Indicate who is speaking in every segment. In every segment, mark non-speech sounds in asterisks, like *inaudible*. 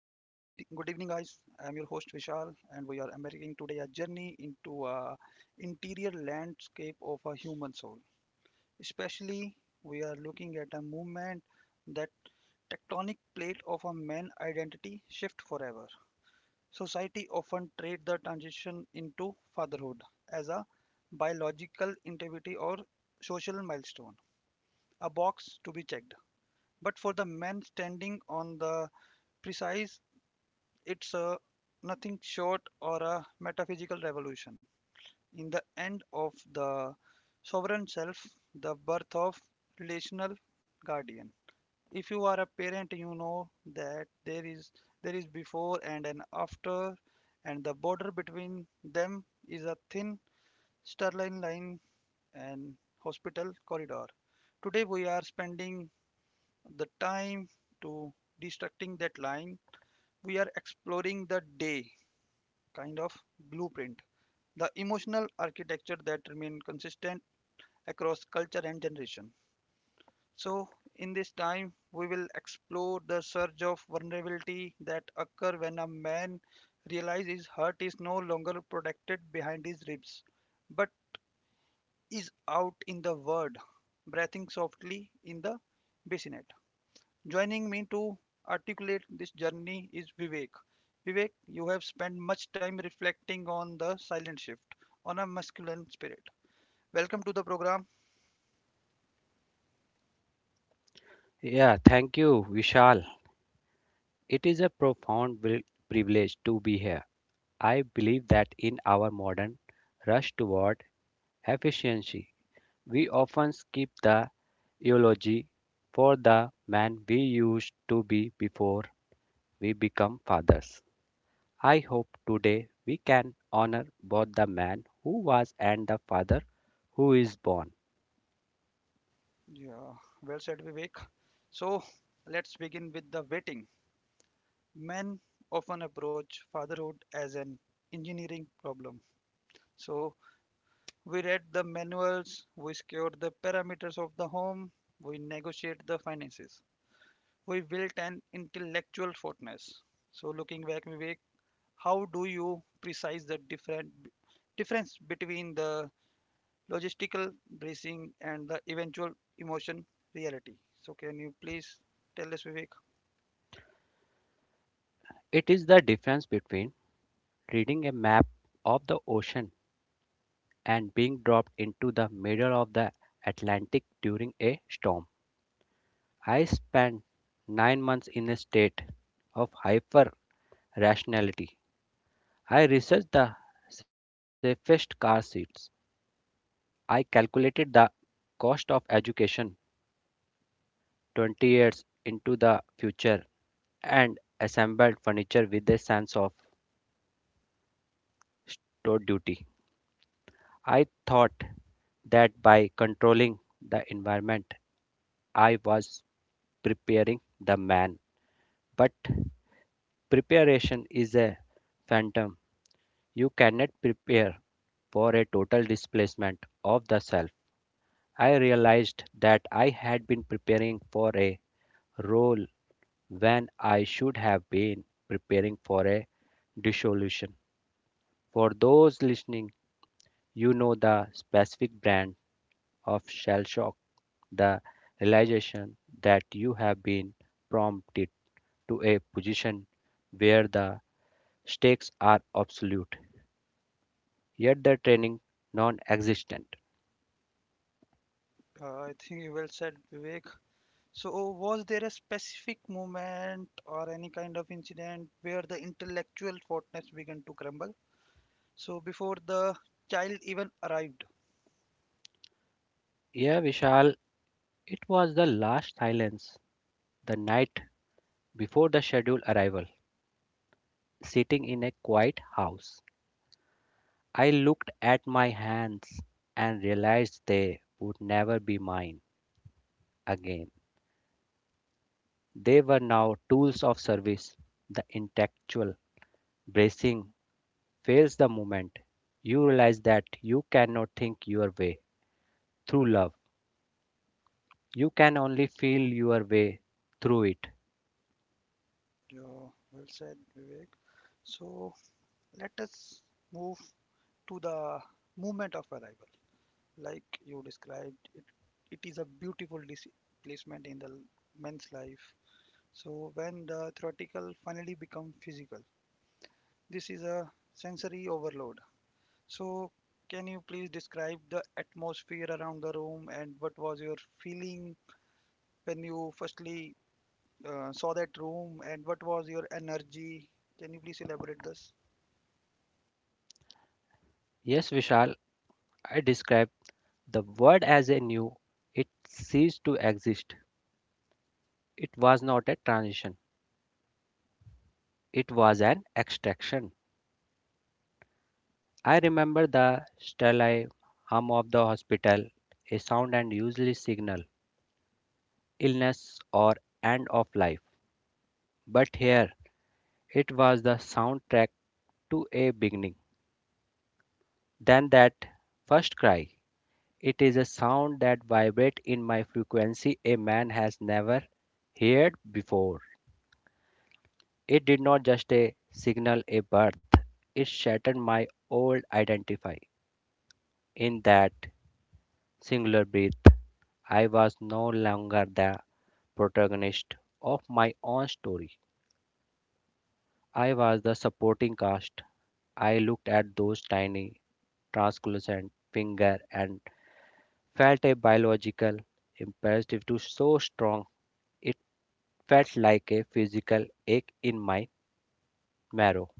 Speaker 1: guys. I'm your host Vishal, and we are embarking today a journey into a interior landscape of a human soul. Especially, we are looking at a movement that tectonic plate of a man identity shift forever. Society often treat the transition into fatherhood as a biological activity or social milestone, a box to be checked. But for the man standing on the precipice, it's a nothing short or a metaphysical revolution. In the end of the sovereign self, the birth of relational guardian. If you are a parent, you know that there is before and an after, and the border between them is a thin, sterile line and hospital corridor. Today we are spending the time to destructing that line, we are exploring the day kind of blueprint, the emotional architecture that remain consistent across culture and generation. So in this time we will explore the surge of vulnerability that occur when a man realizes his heart is no longer protected behind his ribs but is out in the world breathing softly in the bassinet. Joining me to articulate this journey is Vivek. Vivek, you have spent much time reflecting on the silent shift, on a masculine spirit. Welcome to the program.
Speaker 2: Yeah, thank you, Vishal. It is a profound privilege to be here. I believe that in our modern rush toward efficiency, we often skip the eulogy for the man we used to be before we become fathers. I hope today we can honor both the man who was and the father who is born.
Speaker 1: Yeah, well said, Vivek. So let's begin with the waiting. Men often approach fatherhood as an engineering problem. So we read the manuals, we secure the parameters of the home, we negotiate the finances, we built an intellectual fortress. So looking back, Vivek, how do you precise the different difference between the logistical bracing and the eventual emotion reality? So can you please tell us, Vivek?
Speaker 2: It is the difference between reading a map of the ocean and being dropped into the middle of the Atlantic during a storm. I spent 9 months in a state of hyper rationality. I researched the safest car seats. I calculated the cost of education 20 years into the future and assembled furniture with a sense of store duty. I thought that by controlling the environment, I was preparing the man. But preparation is a phantom. You cannot prepare for a total displacement of the self. I realized that I had been preparing for a role when I should have been preparing for a dissolution. For those listening, you know the specific brand of shell shock, the realization that you have been prompted to a position where the stakes are absolute, yet their training non existent.
Speaker 1: I think you well said, Vivek. So was there a specific moment or any kind of incident where the intellectual fortness began to crumble? So before the child even arrived.
Speaker 2: Yeah, Vishal, it was the last silence the night before the scheduled arrival, sitting in a quiet house. I looked at my hands and realized they would never be mine again. They were now tools of service. The intellectual bracing fails the moment you realize that you cannot think your way through love. You can only feel your way through it.
Speaker 1: Yeah, well said, Vivek. So let us move to the moment of arrival. Like you described it, it is a beautiful displacement in the men's life. So when the theoretical finally become physical, this is a sensory overload. So can you please describe the atmosphere around the room and what was your feeling when you firstly saw that room, and what was your energy? Can you please elaborate this?
Speaker 2: Yes, Vishal, I described the word as a new. It ceased to exist. It was not a transition. It was an extraction. I remember the sterile hum of the hospital, a sound and usually signal, illness or end of life. But here, it was the soundtrack to a beginning. Then that first cry. It is a sound that vibrates in my frequency a man has never heard before. It did not just a signal a birth, it shattered my old identity. In that singular breath, I was no longer the protagonist of my own story. I was the supporting cast. I looked at those tiny, translucent finger and felt a biological imperative to so strong it felt like a physical ache in my marrow.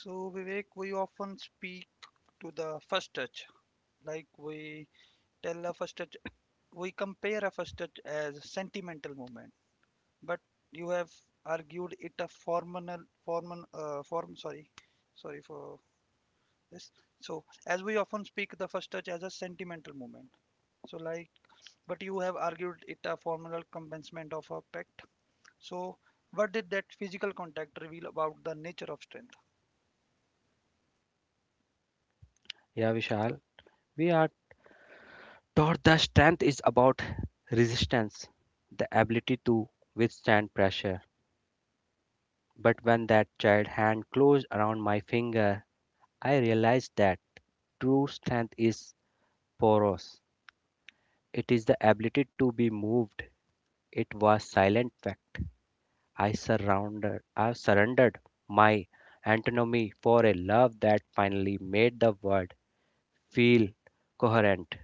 Speaker 1: So Vivek, we often speak to the first touch, like we tell a first touch, we compare a fustat as a sentimental movement, but you have argued it a formal form sorry, sorry for this. So as we often speak the first touch as a sentimental movement, so like, but you have argued it a formal commencement of a pact. So what did that physical contact reveal about the nature of strength?
Speaker 2: Yeah, Vishal, we are Tortha strength is about resistance, the ability to withstand pressure. But when that child hand closed around my finger, I realized that true strength is porous. It is the ability to be moved. It was silent fact. I surrendered my antinomy for a love that finally made the world feel coherent.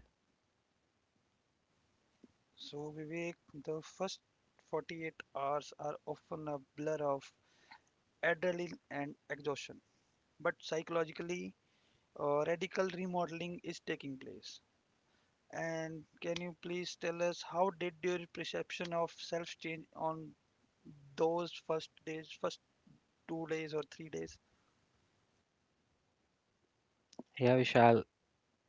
Speaker 1: So Vivek, the first 48 hours are often a blur of adrenaline and exhaustion, but psychologically radical remodeling is taking place. And can you please tell us how did your perception of self change on those first days, first 2 days or 3 days?
Speaker 2: Yeah, Vishal,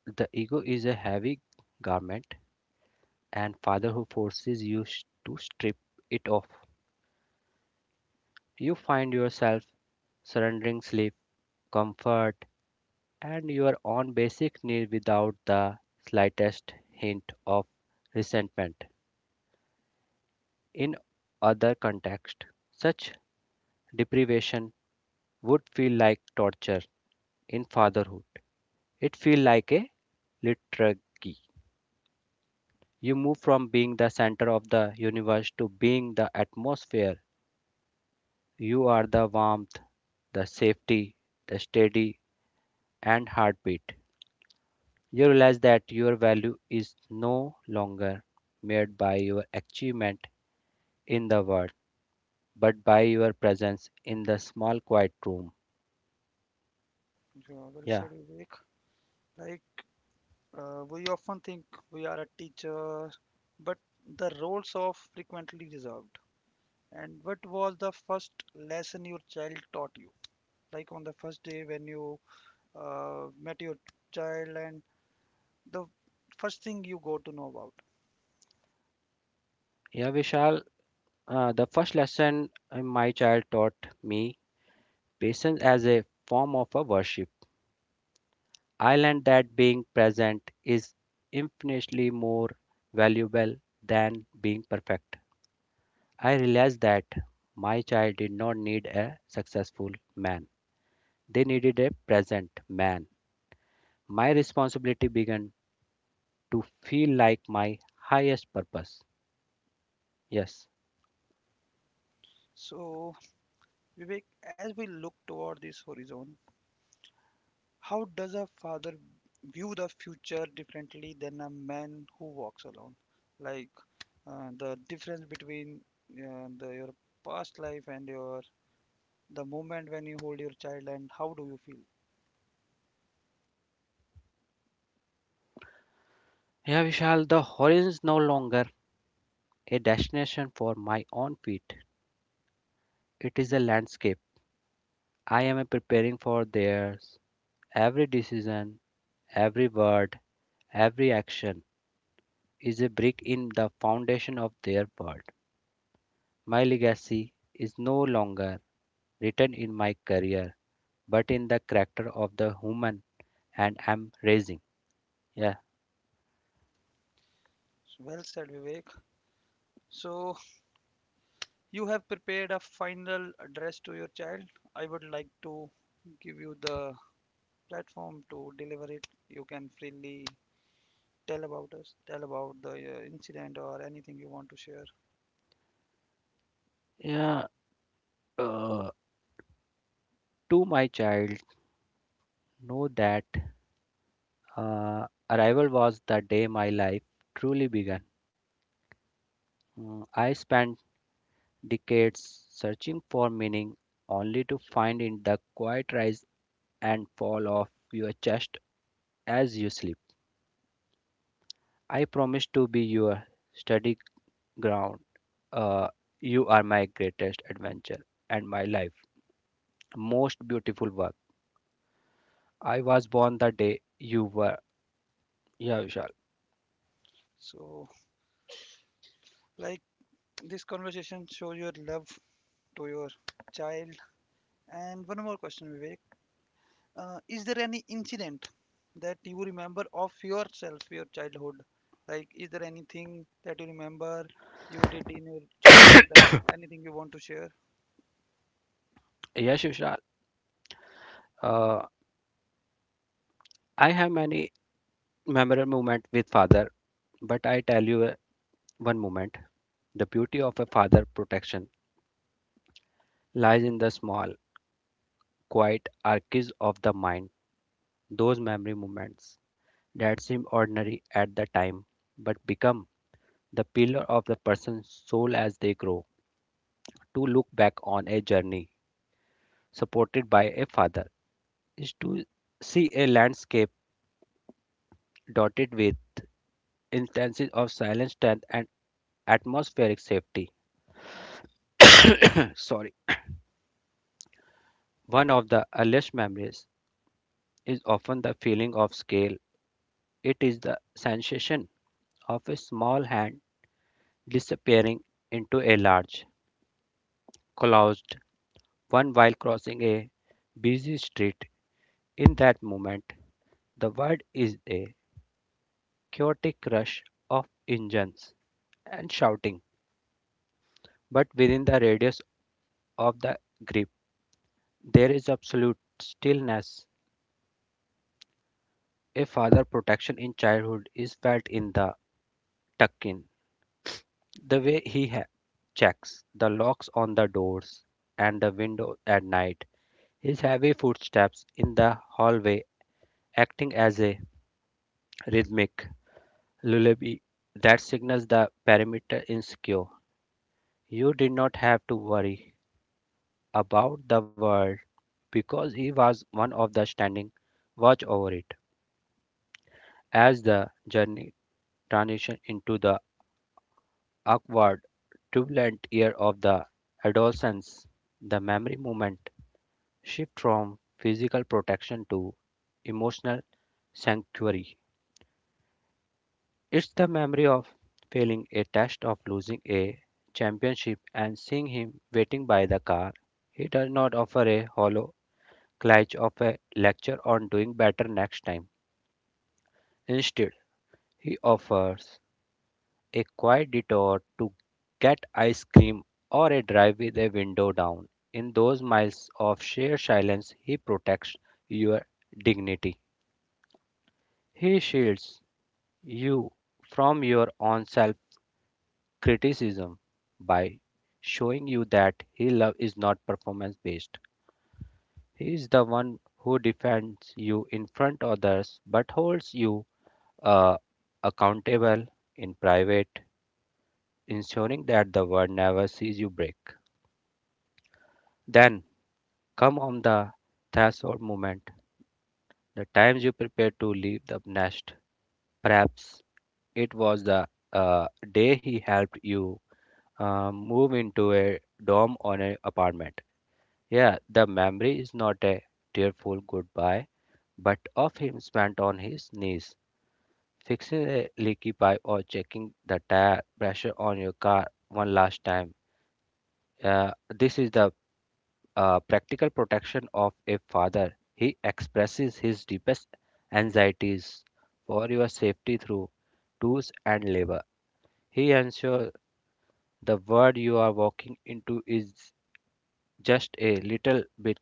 Speaker 2: the ego is a heavy garment and father who forces you to strip it off. You find yourself surrendering sleep, comfort, and your own basic need without the slightest hint of resentment. In other context, such deprivation would feel like torture. In fatherhood, it feels like a liturgy. You move from being the center of the universe to being the atmosphere. You are the warmth, the safety, the steady and heartbeat. You realize that your value is no longer made by your achievement in the world, but by your presence in the small quiet room.
Speaker 1: Yeah, well
Speaker 2: Yeah,
Speaker 1: said, Vivek. Like we often think we are a teacher, but the roles are frequently reserved. And what was the first lesson your child taught you? Like on the first day when you met your child, and the first thing you go to know about.
Speaker 2: yeah, Vishal. The first lesson my child taught me patience as a form of a worship. I learned that being present is infinitely more valuable than being perfect. I realized that my child did not need a successful man. They needed a present man. My responsibility began to feel like my highest purpose. Yes.
Speaker 1: So, Vivek, as we look toward this horizon, how does a father view the future differently than a man who walks alone? Like the difference between the, your past life and your the moment when you hold your child, and how do you feel?
Speaker 2: Yeah, Vishal, the horizon is no longer a destination for my own feet. It is a landscape. I am preparing for theirs. Every decision, every word, every action is a brick in the foundation of their world. My legacy is no longer written in my career, but in the character of the human and am raising. Yeah,
Speaker 1: So, well said, Vivek. So you have prepared a final address to your child. I would like to give you the platform to deliver it. You can freely tell about us, tell about the incident or anything you want to share.
Speaker 2: yeah. Uh, to my child, know that arrival was the day my life truly began. I spent decades searching for meaning, only to find in the quiet rise and fall of your chest as you sleep. I promise to be your steady ground. Uh, you are my greatest adventure and my life. Most beautiful work. I was born the day you were. Yeah, Vishal.
Speaker 1: So like this conversation shows your love to your child. And one more question, Vivek, is there any incident that you remember of yourself, your childhood? Like is there anything that you remember you did in your childhood, and anything you want to share?
Speaker 2: Yes, Vishal. Uh, I have many memorable moments with father, but I tell you one moment. The beauty of a father protection lies in the small, quiet arches of the mind. Those memory moments that seem ordinary at the time, but become the pillar of the person's soul as they grow. To look back on a journey supported by a father is to see a landscape dotted with instances of silent strength and atmospheric safety. *clears throat* Sorry. One of the earliest memories is often the feeling of scale. It is the sensation of a small hand disappearing into a large, closed one while crossing a busy street. In that moment, the world is a chaotic rush of engines and shouting, but within the radius of the grip, there is absolute stillness. A father protection in childhood is felt in the tuck-in, the way he checks the locks on the doors and the window at night, his heavy footsteps in the hallway acting as a rhythmic lullaby that signals the perimeter is secure. You did not have to worry about the world because he was one of the standing watch over it. As the journey transition into the awkward, turbulent year of the adolescence, the memory movement shift from physical protection to emotional sanctuary. It's the memory of failing a test, of losing a championship, and seeing him waiting by the car. He does not offer a hollow clutch of a lecture on doing better next time. Instead, he offers a quiet detour to get ice cream or a drive with a window down. In those miles of sheer silence, he protects your dignity. He shields you from your own self criticism by showing you that his love is not performance based. He is the one who defends you in front of others but holds you uh, accountable in private, ensuring that the world never sees you break. Then come on the threshold moment, the times you prepare to leave the nest. Perhaps it was the uh, day he helped you move into a dorm or an apartment. Yeah, the memory is not a tearful goodbye, but of him spent on his knees, fixing a leaky pipe or checking the tire pressure on your car one last time. Uh, this is the practical protection of a father, he expresses his deepest anxieties for your safety through tools and labor. He ensures the world you are walking into is just a little bit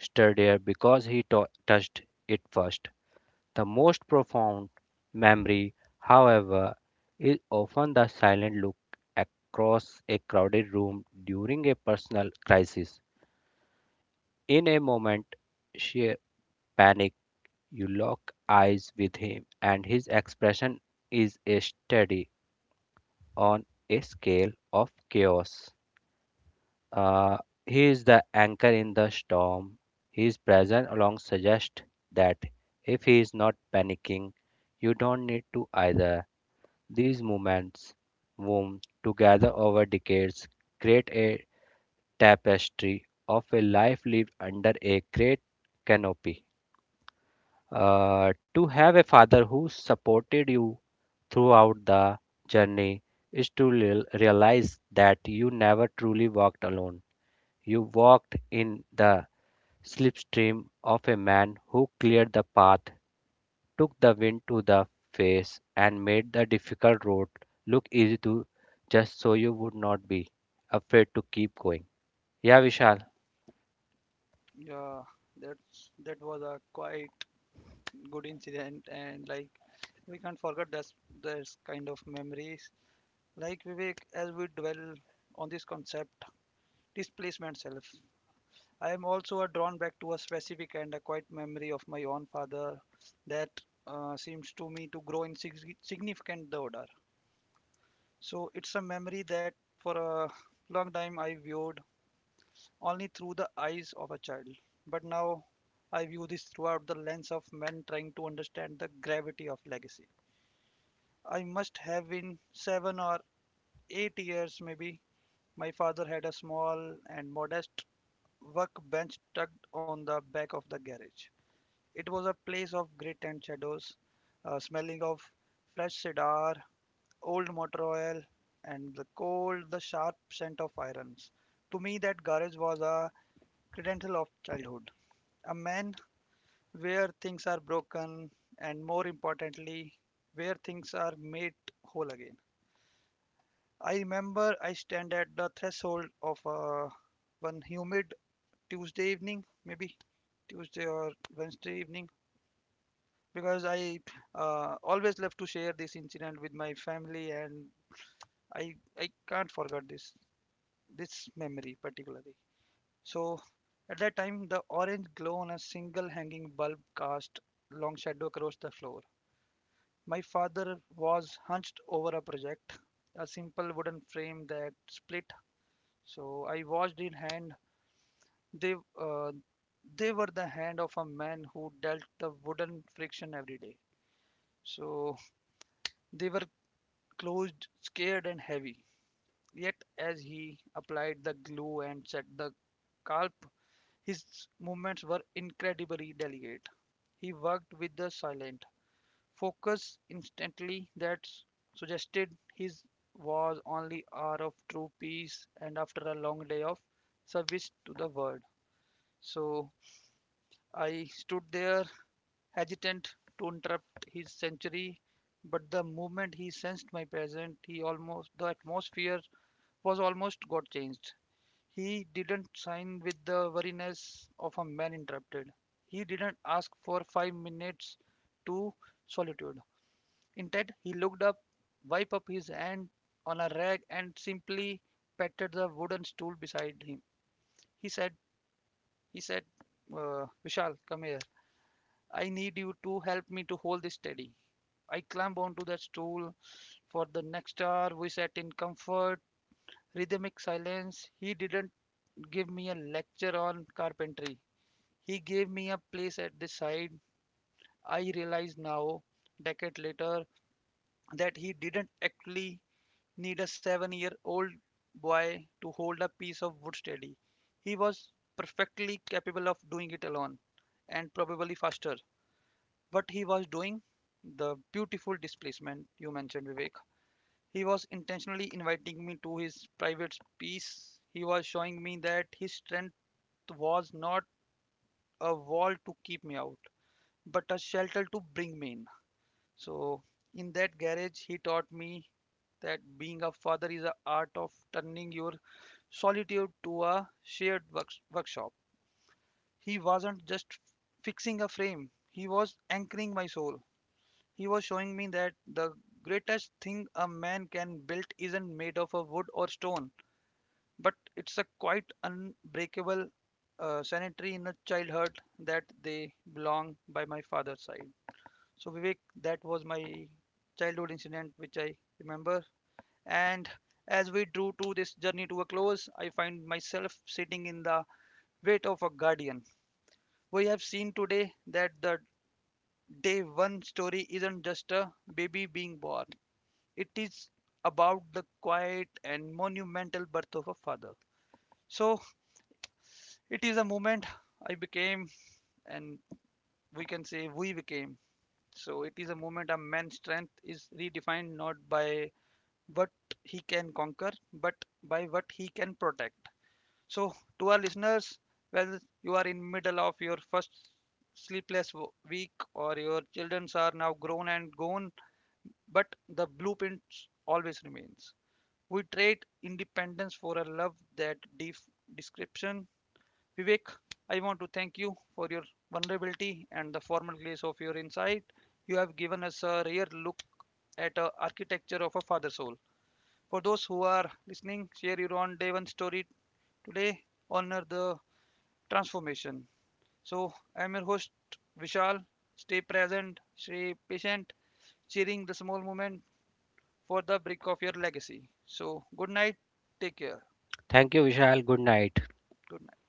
Speaker 2: sturdier because he touched it first. The most profound memory, however, is often the silent look across a crowded room during a personal crisis. In a moment, she panic, you lock eyes with him, and his expression is a study on a scale of chaos. Uh, he is the anchor in the storm. His presence alone suggests that if he is not panicking, you don't need to either. These moments, woven together over decades, create a tapestry of a life lived under a great canopy. To have a father who supported you throughout the journey is to realize that you never truly walked alone. You walked in the slipstream of a man who cleared the path, took the wind to the face, and made the difficult road look easy to just so you would not be afraid to keep going. Yeah, Vishal.
Speaker 1: Yeah, that's, that was a quite good incident, and like we can't forget that's there's kind of memories. Like Vivek, as we dwell on this concept, displacement self, I am also drawn back to a specific and a quiet memory of my own father that seems to me to grow in significant order. So it's a memory that for a long time I viewed only through the eyes of a child. But now I view this throughout the lens of men trying to understand the gravity of legacy. I must have been 7 or 8 years maybe. My father had a small and modest workbench tucked on the back of the garage. It was a place of grit and shadows, smelling of fresh cedar, old motor oil, and the cold, the sharp scent of irons. To me, that garage was a credential of childhood, a man where things are broken, and more importantly, where things are made whole again. I remember I stand at the threshold of a one humid Tuesday evening, maybe Tuesday or Wednesday evening, because I always love to share this incident with my family, and I can't forget this memory particularly. So at that time, the orange glow on a single hanging bulb cast long shadow across the floor. My father was hunched over a project, a simple wooden frame that split. So I watched in hand. They uh, they were the hand of a man who dealt the wooden friction every day. So they were closed, scared, and heavy. Yet, as he applied the glue and set the scalp, his movements were incredibly delicate. He worked with the silent focus instantly that suggested his was only hour of true peace and after a long day of service to the world. So I stood there hesitant to interrupt his century, but the moment he sensed my presence, he almost the atmosphere was almost got changed. He didn't sign with the wariness of a man interrupted. He didn't ask for 5 minutes to solitude. Instead, he looked up, wiped up his hand on a rag, and simply patted the wooden stool beside him. He said, "He said, Vishal, come here. I need you to help me to hold this steady." I clamp onto that stool. For the next hour, we sat in comfort, rhythmic silence. He didn't give me a lecture on carpentry. He gave me a place at the side. I realize now, decade later, that he didn't actually need a 7 year old boy to hold a piece of wood steady. He was perfectly capable of doing it alone and probably faster. What he was doing, the beautiful displacement you mentioned, Vivek, he was intentionally inviting me to his private space. He was showing me that his strength was not a wall to keep me out, but a shelter to bring me in. So, in that garage, he taught me that being a father is an art of turning your solitude to a shared workshop. He wasn't just fixing a frame, he was anchoring my soul. He was showing me that the greatest thing a man can build isn't made of a wood or stone, but it's a quite unbreakable sanitary in a childhood that they belong by my father's side. So Vivek, that was my childhood incident which I remember. And as we drew to this journey to a close, I find myself sitting in the weight of a guardian. We have seen today that the day one story isn't just a baby being born. It is about the quiet and monumental birth of a father. So it is a moment I became, and we can say we became. So it is a moment a man's strength is redefined not by what he can conquer, but by what he can protect. So to our listeners, whether you are in middle of your first sleepless week or your children are now grown and gone, but the blueprint always remains. We trade independence for a love that description. Vivek, I want to thank you for your vulnerability and the formal grace of your insight. You have given us a rare look at the architecture of a father soul. For those who are listening, share your own day one story today. Honor the transformation. So I'm your host Vishal. Stay present, stay patient, cheering the small moment for the brick of your legacy. So good night, take care.
Speaker 2: Thank you, Vishal. Good night.
Speaker 1: Good night.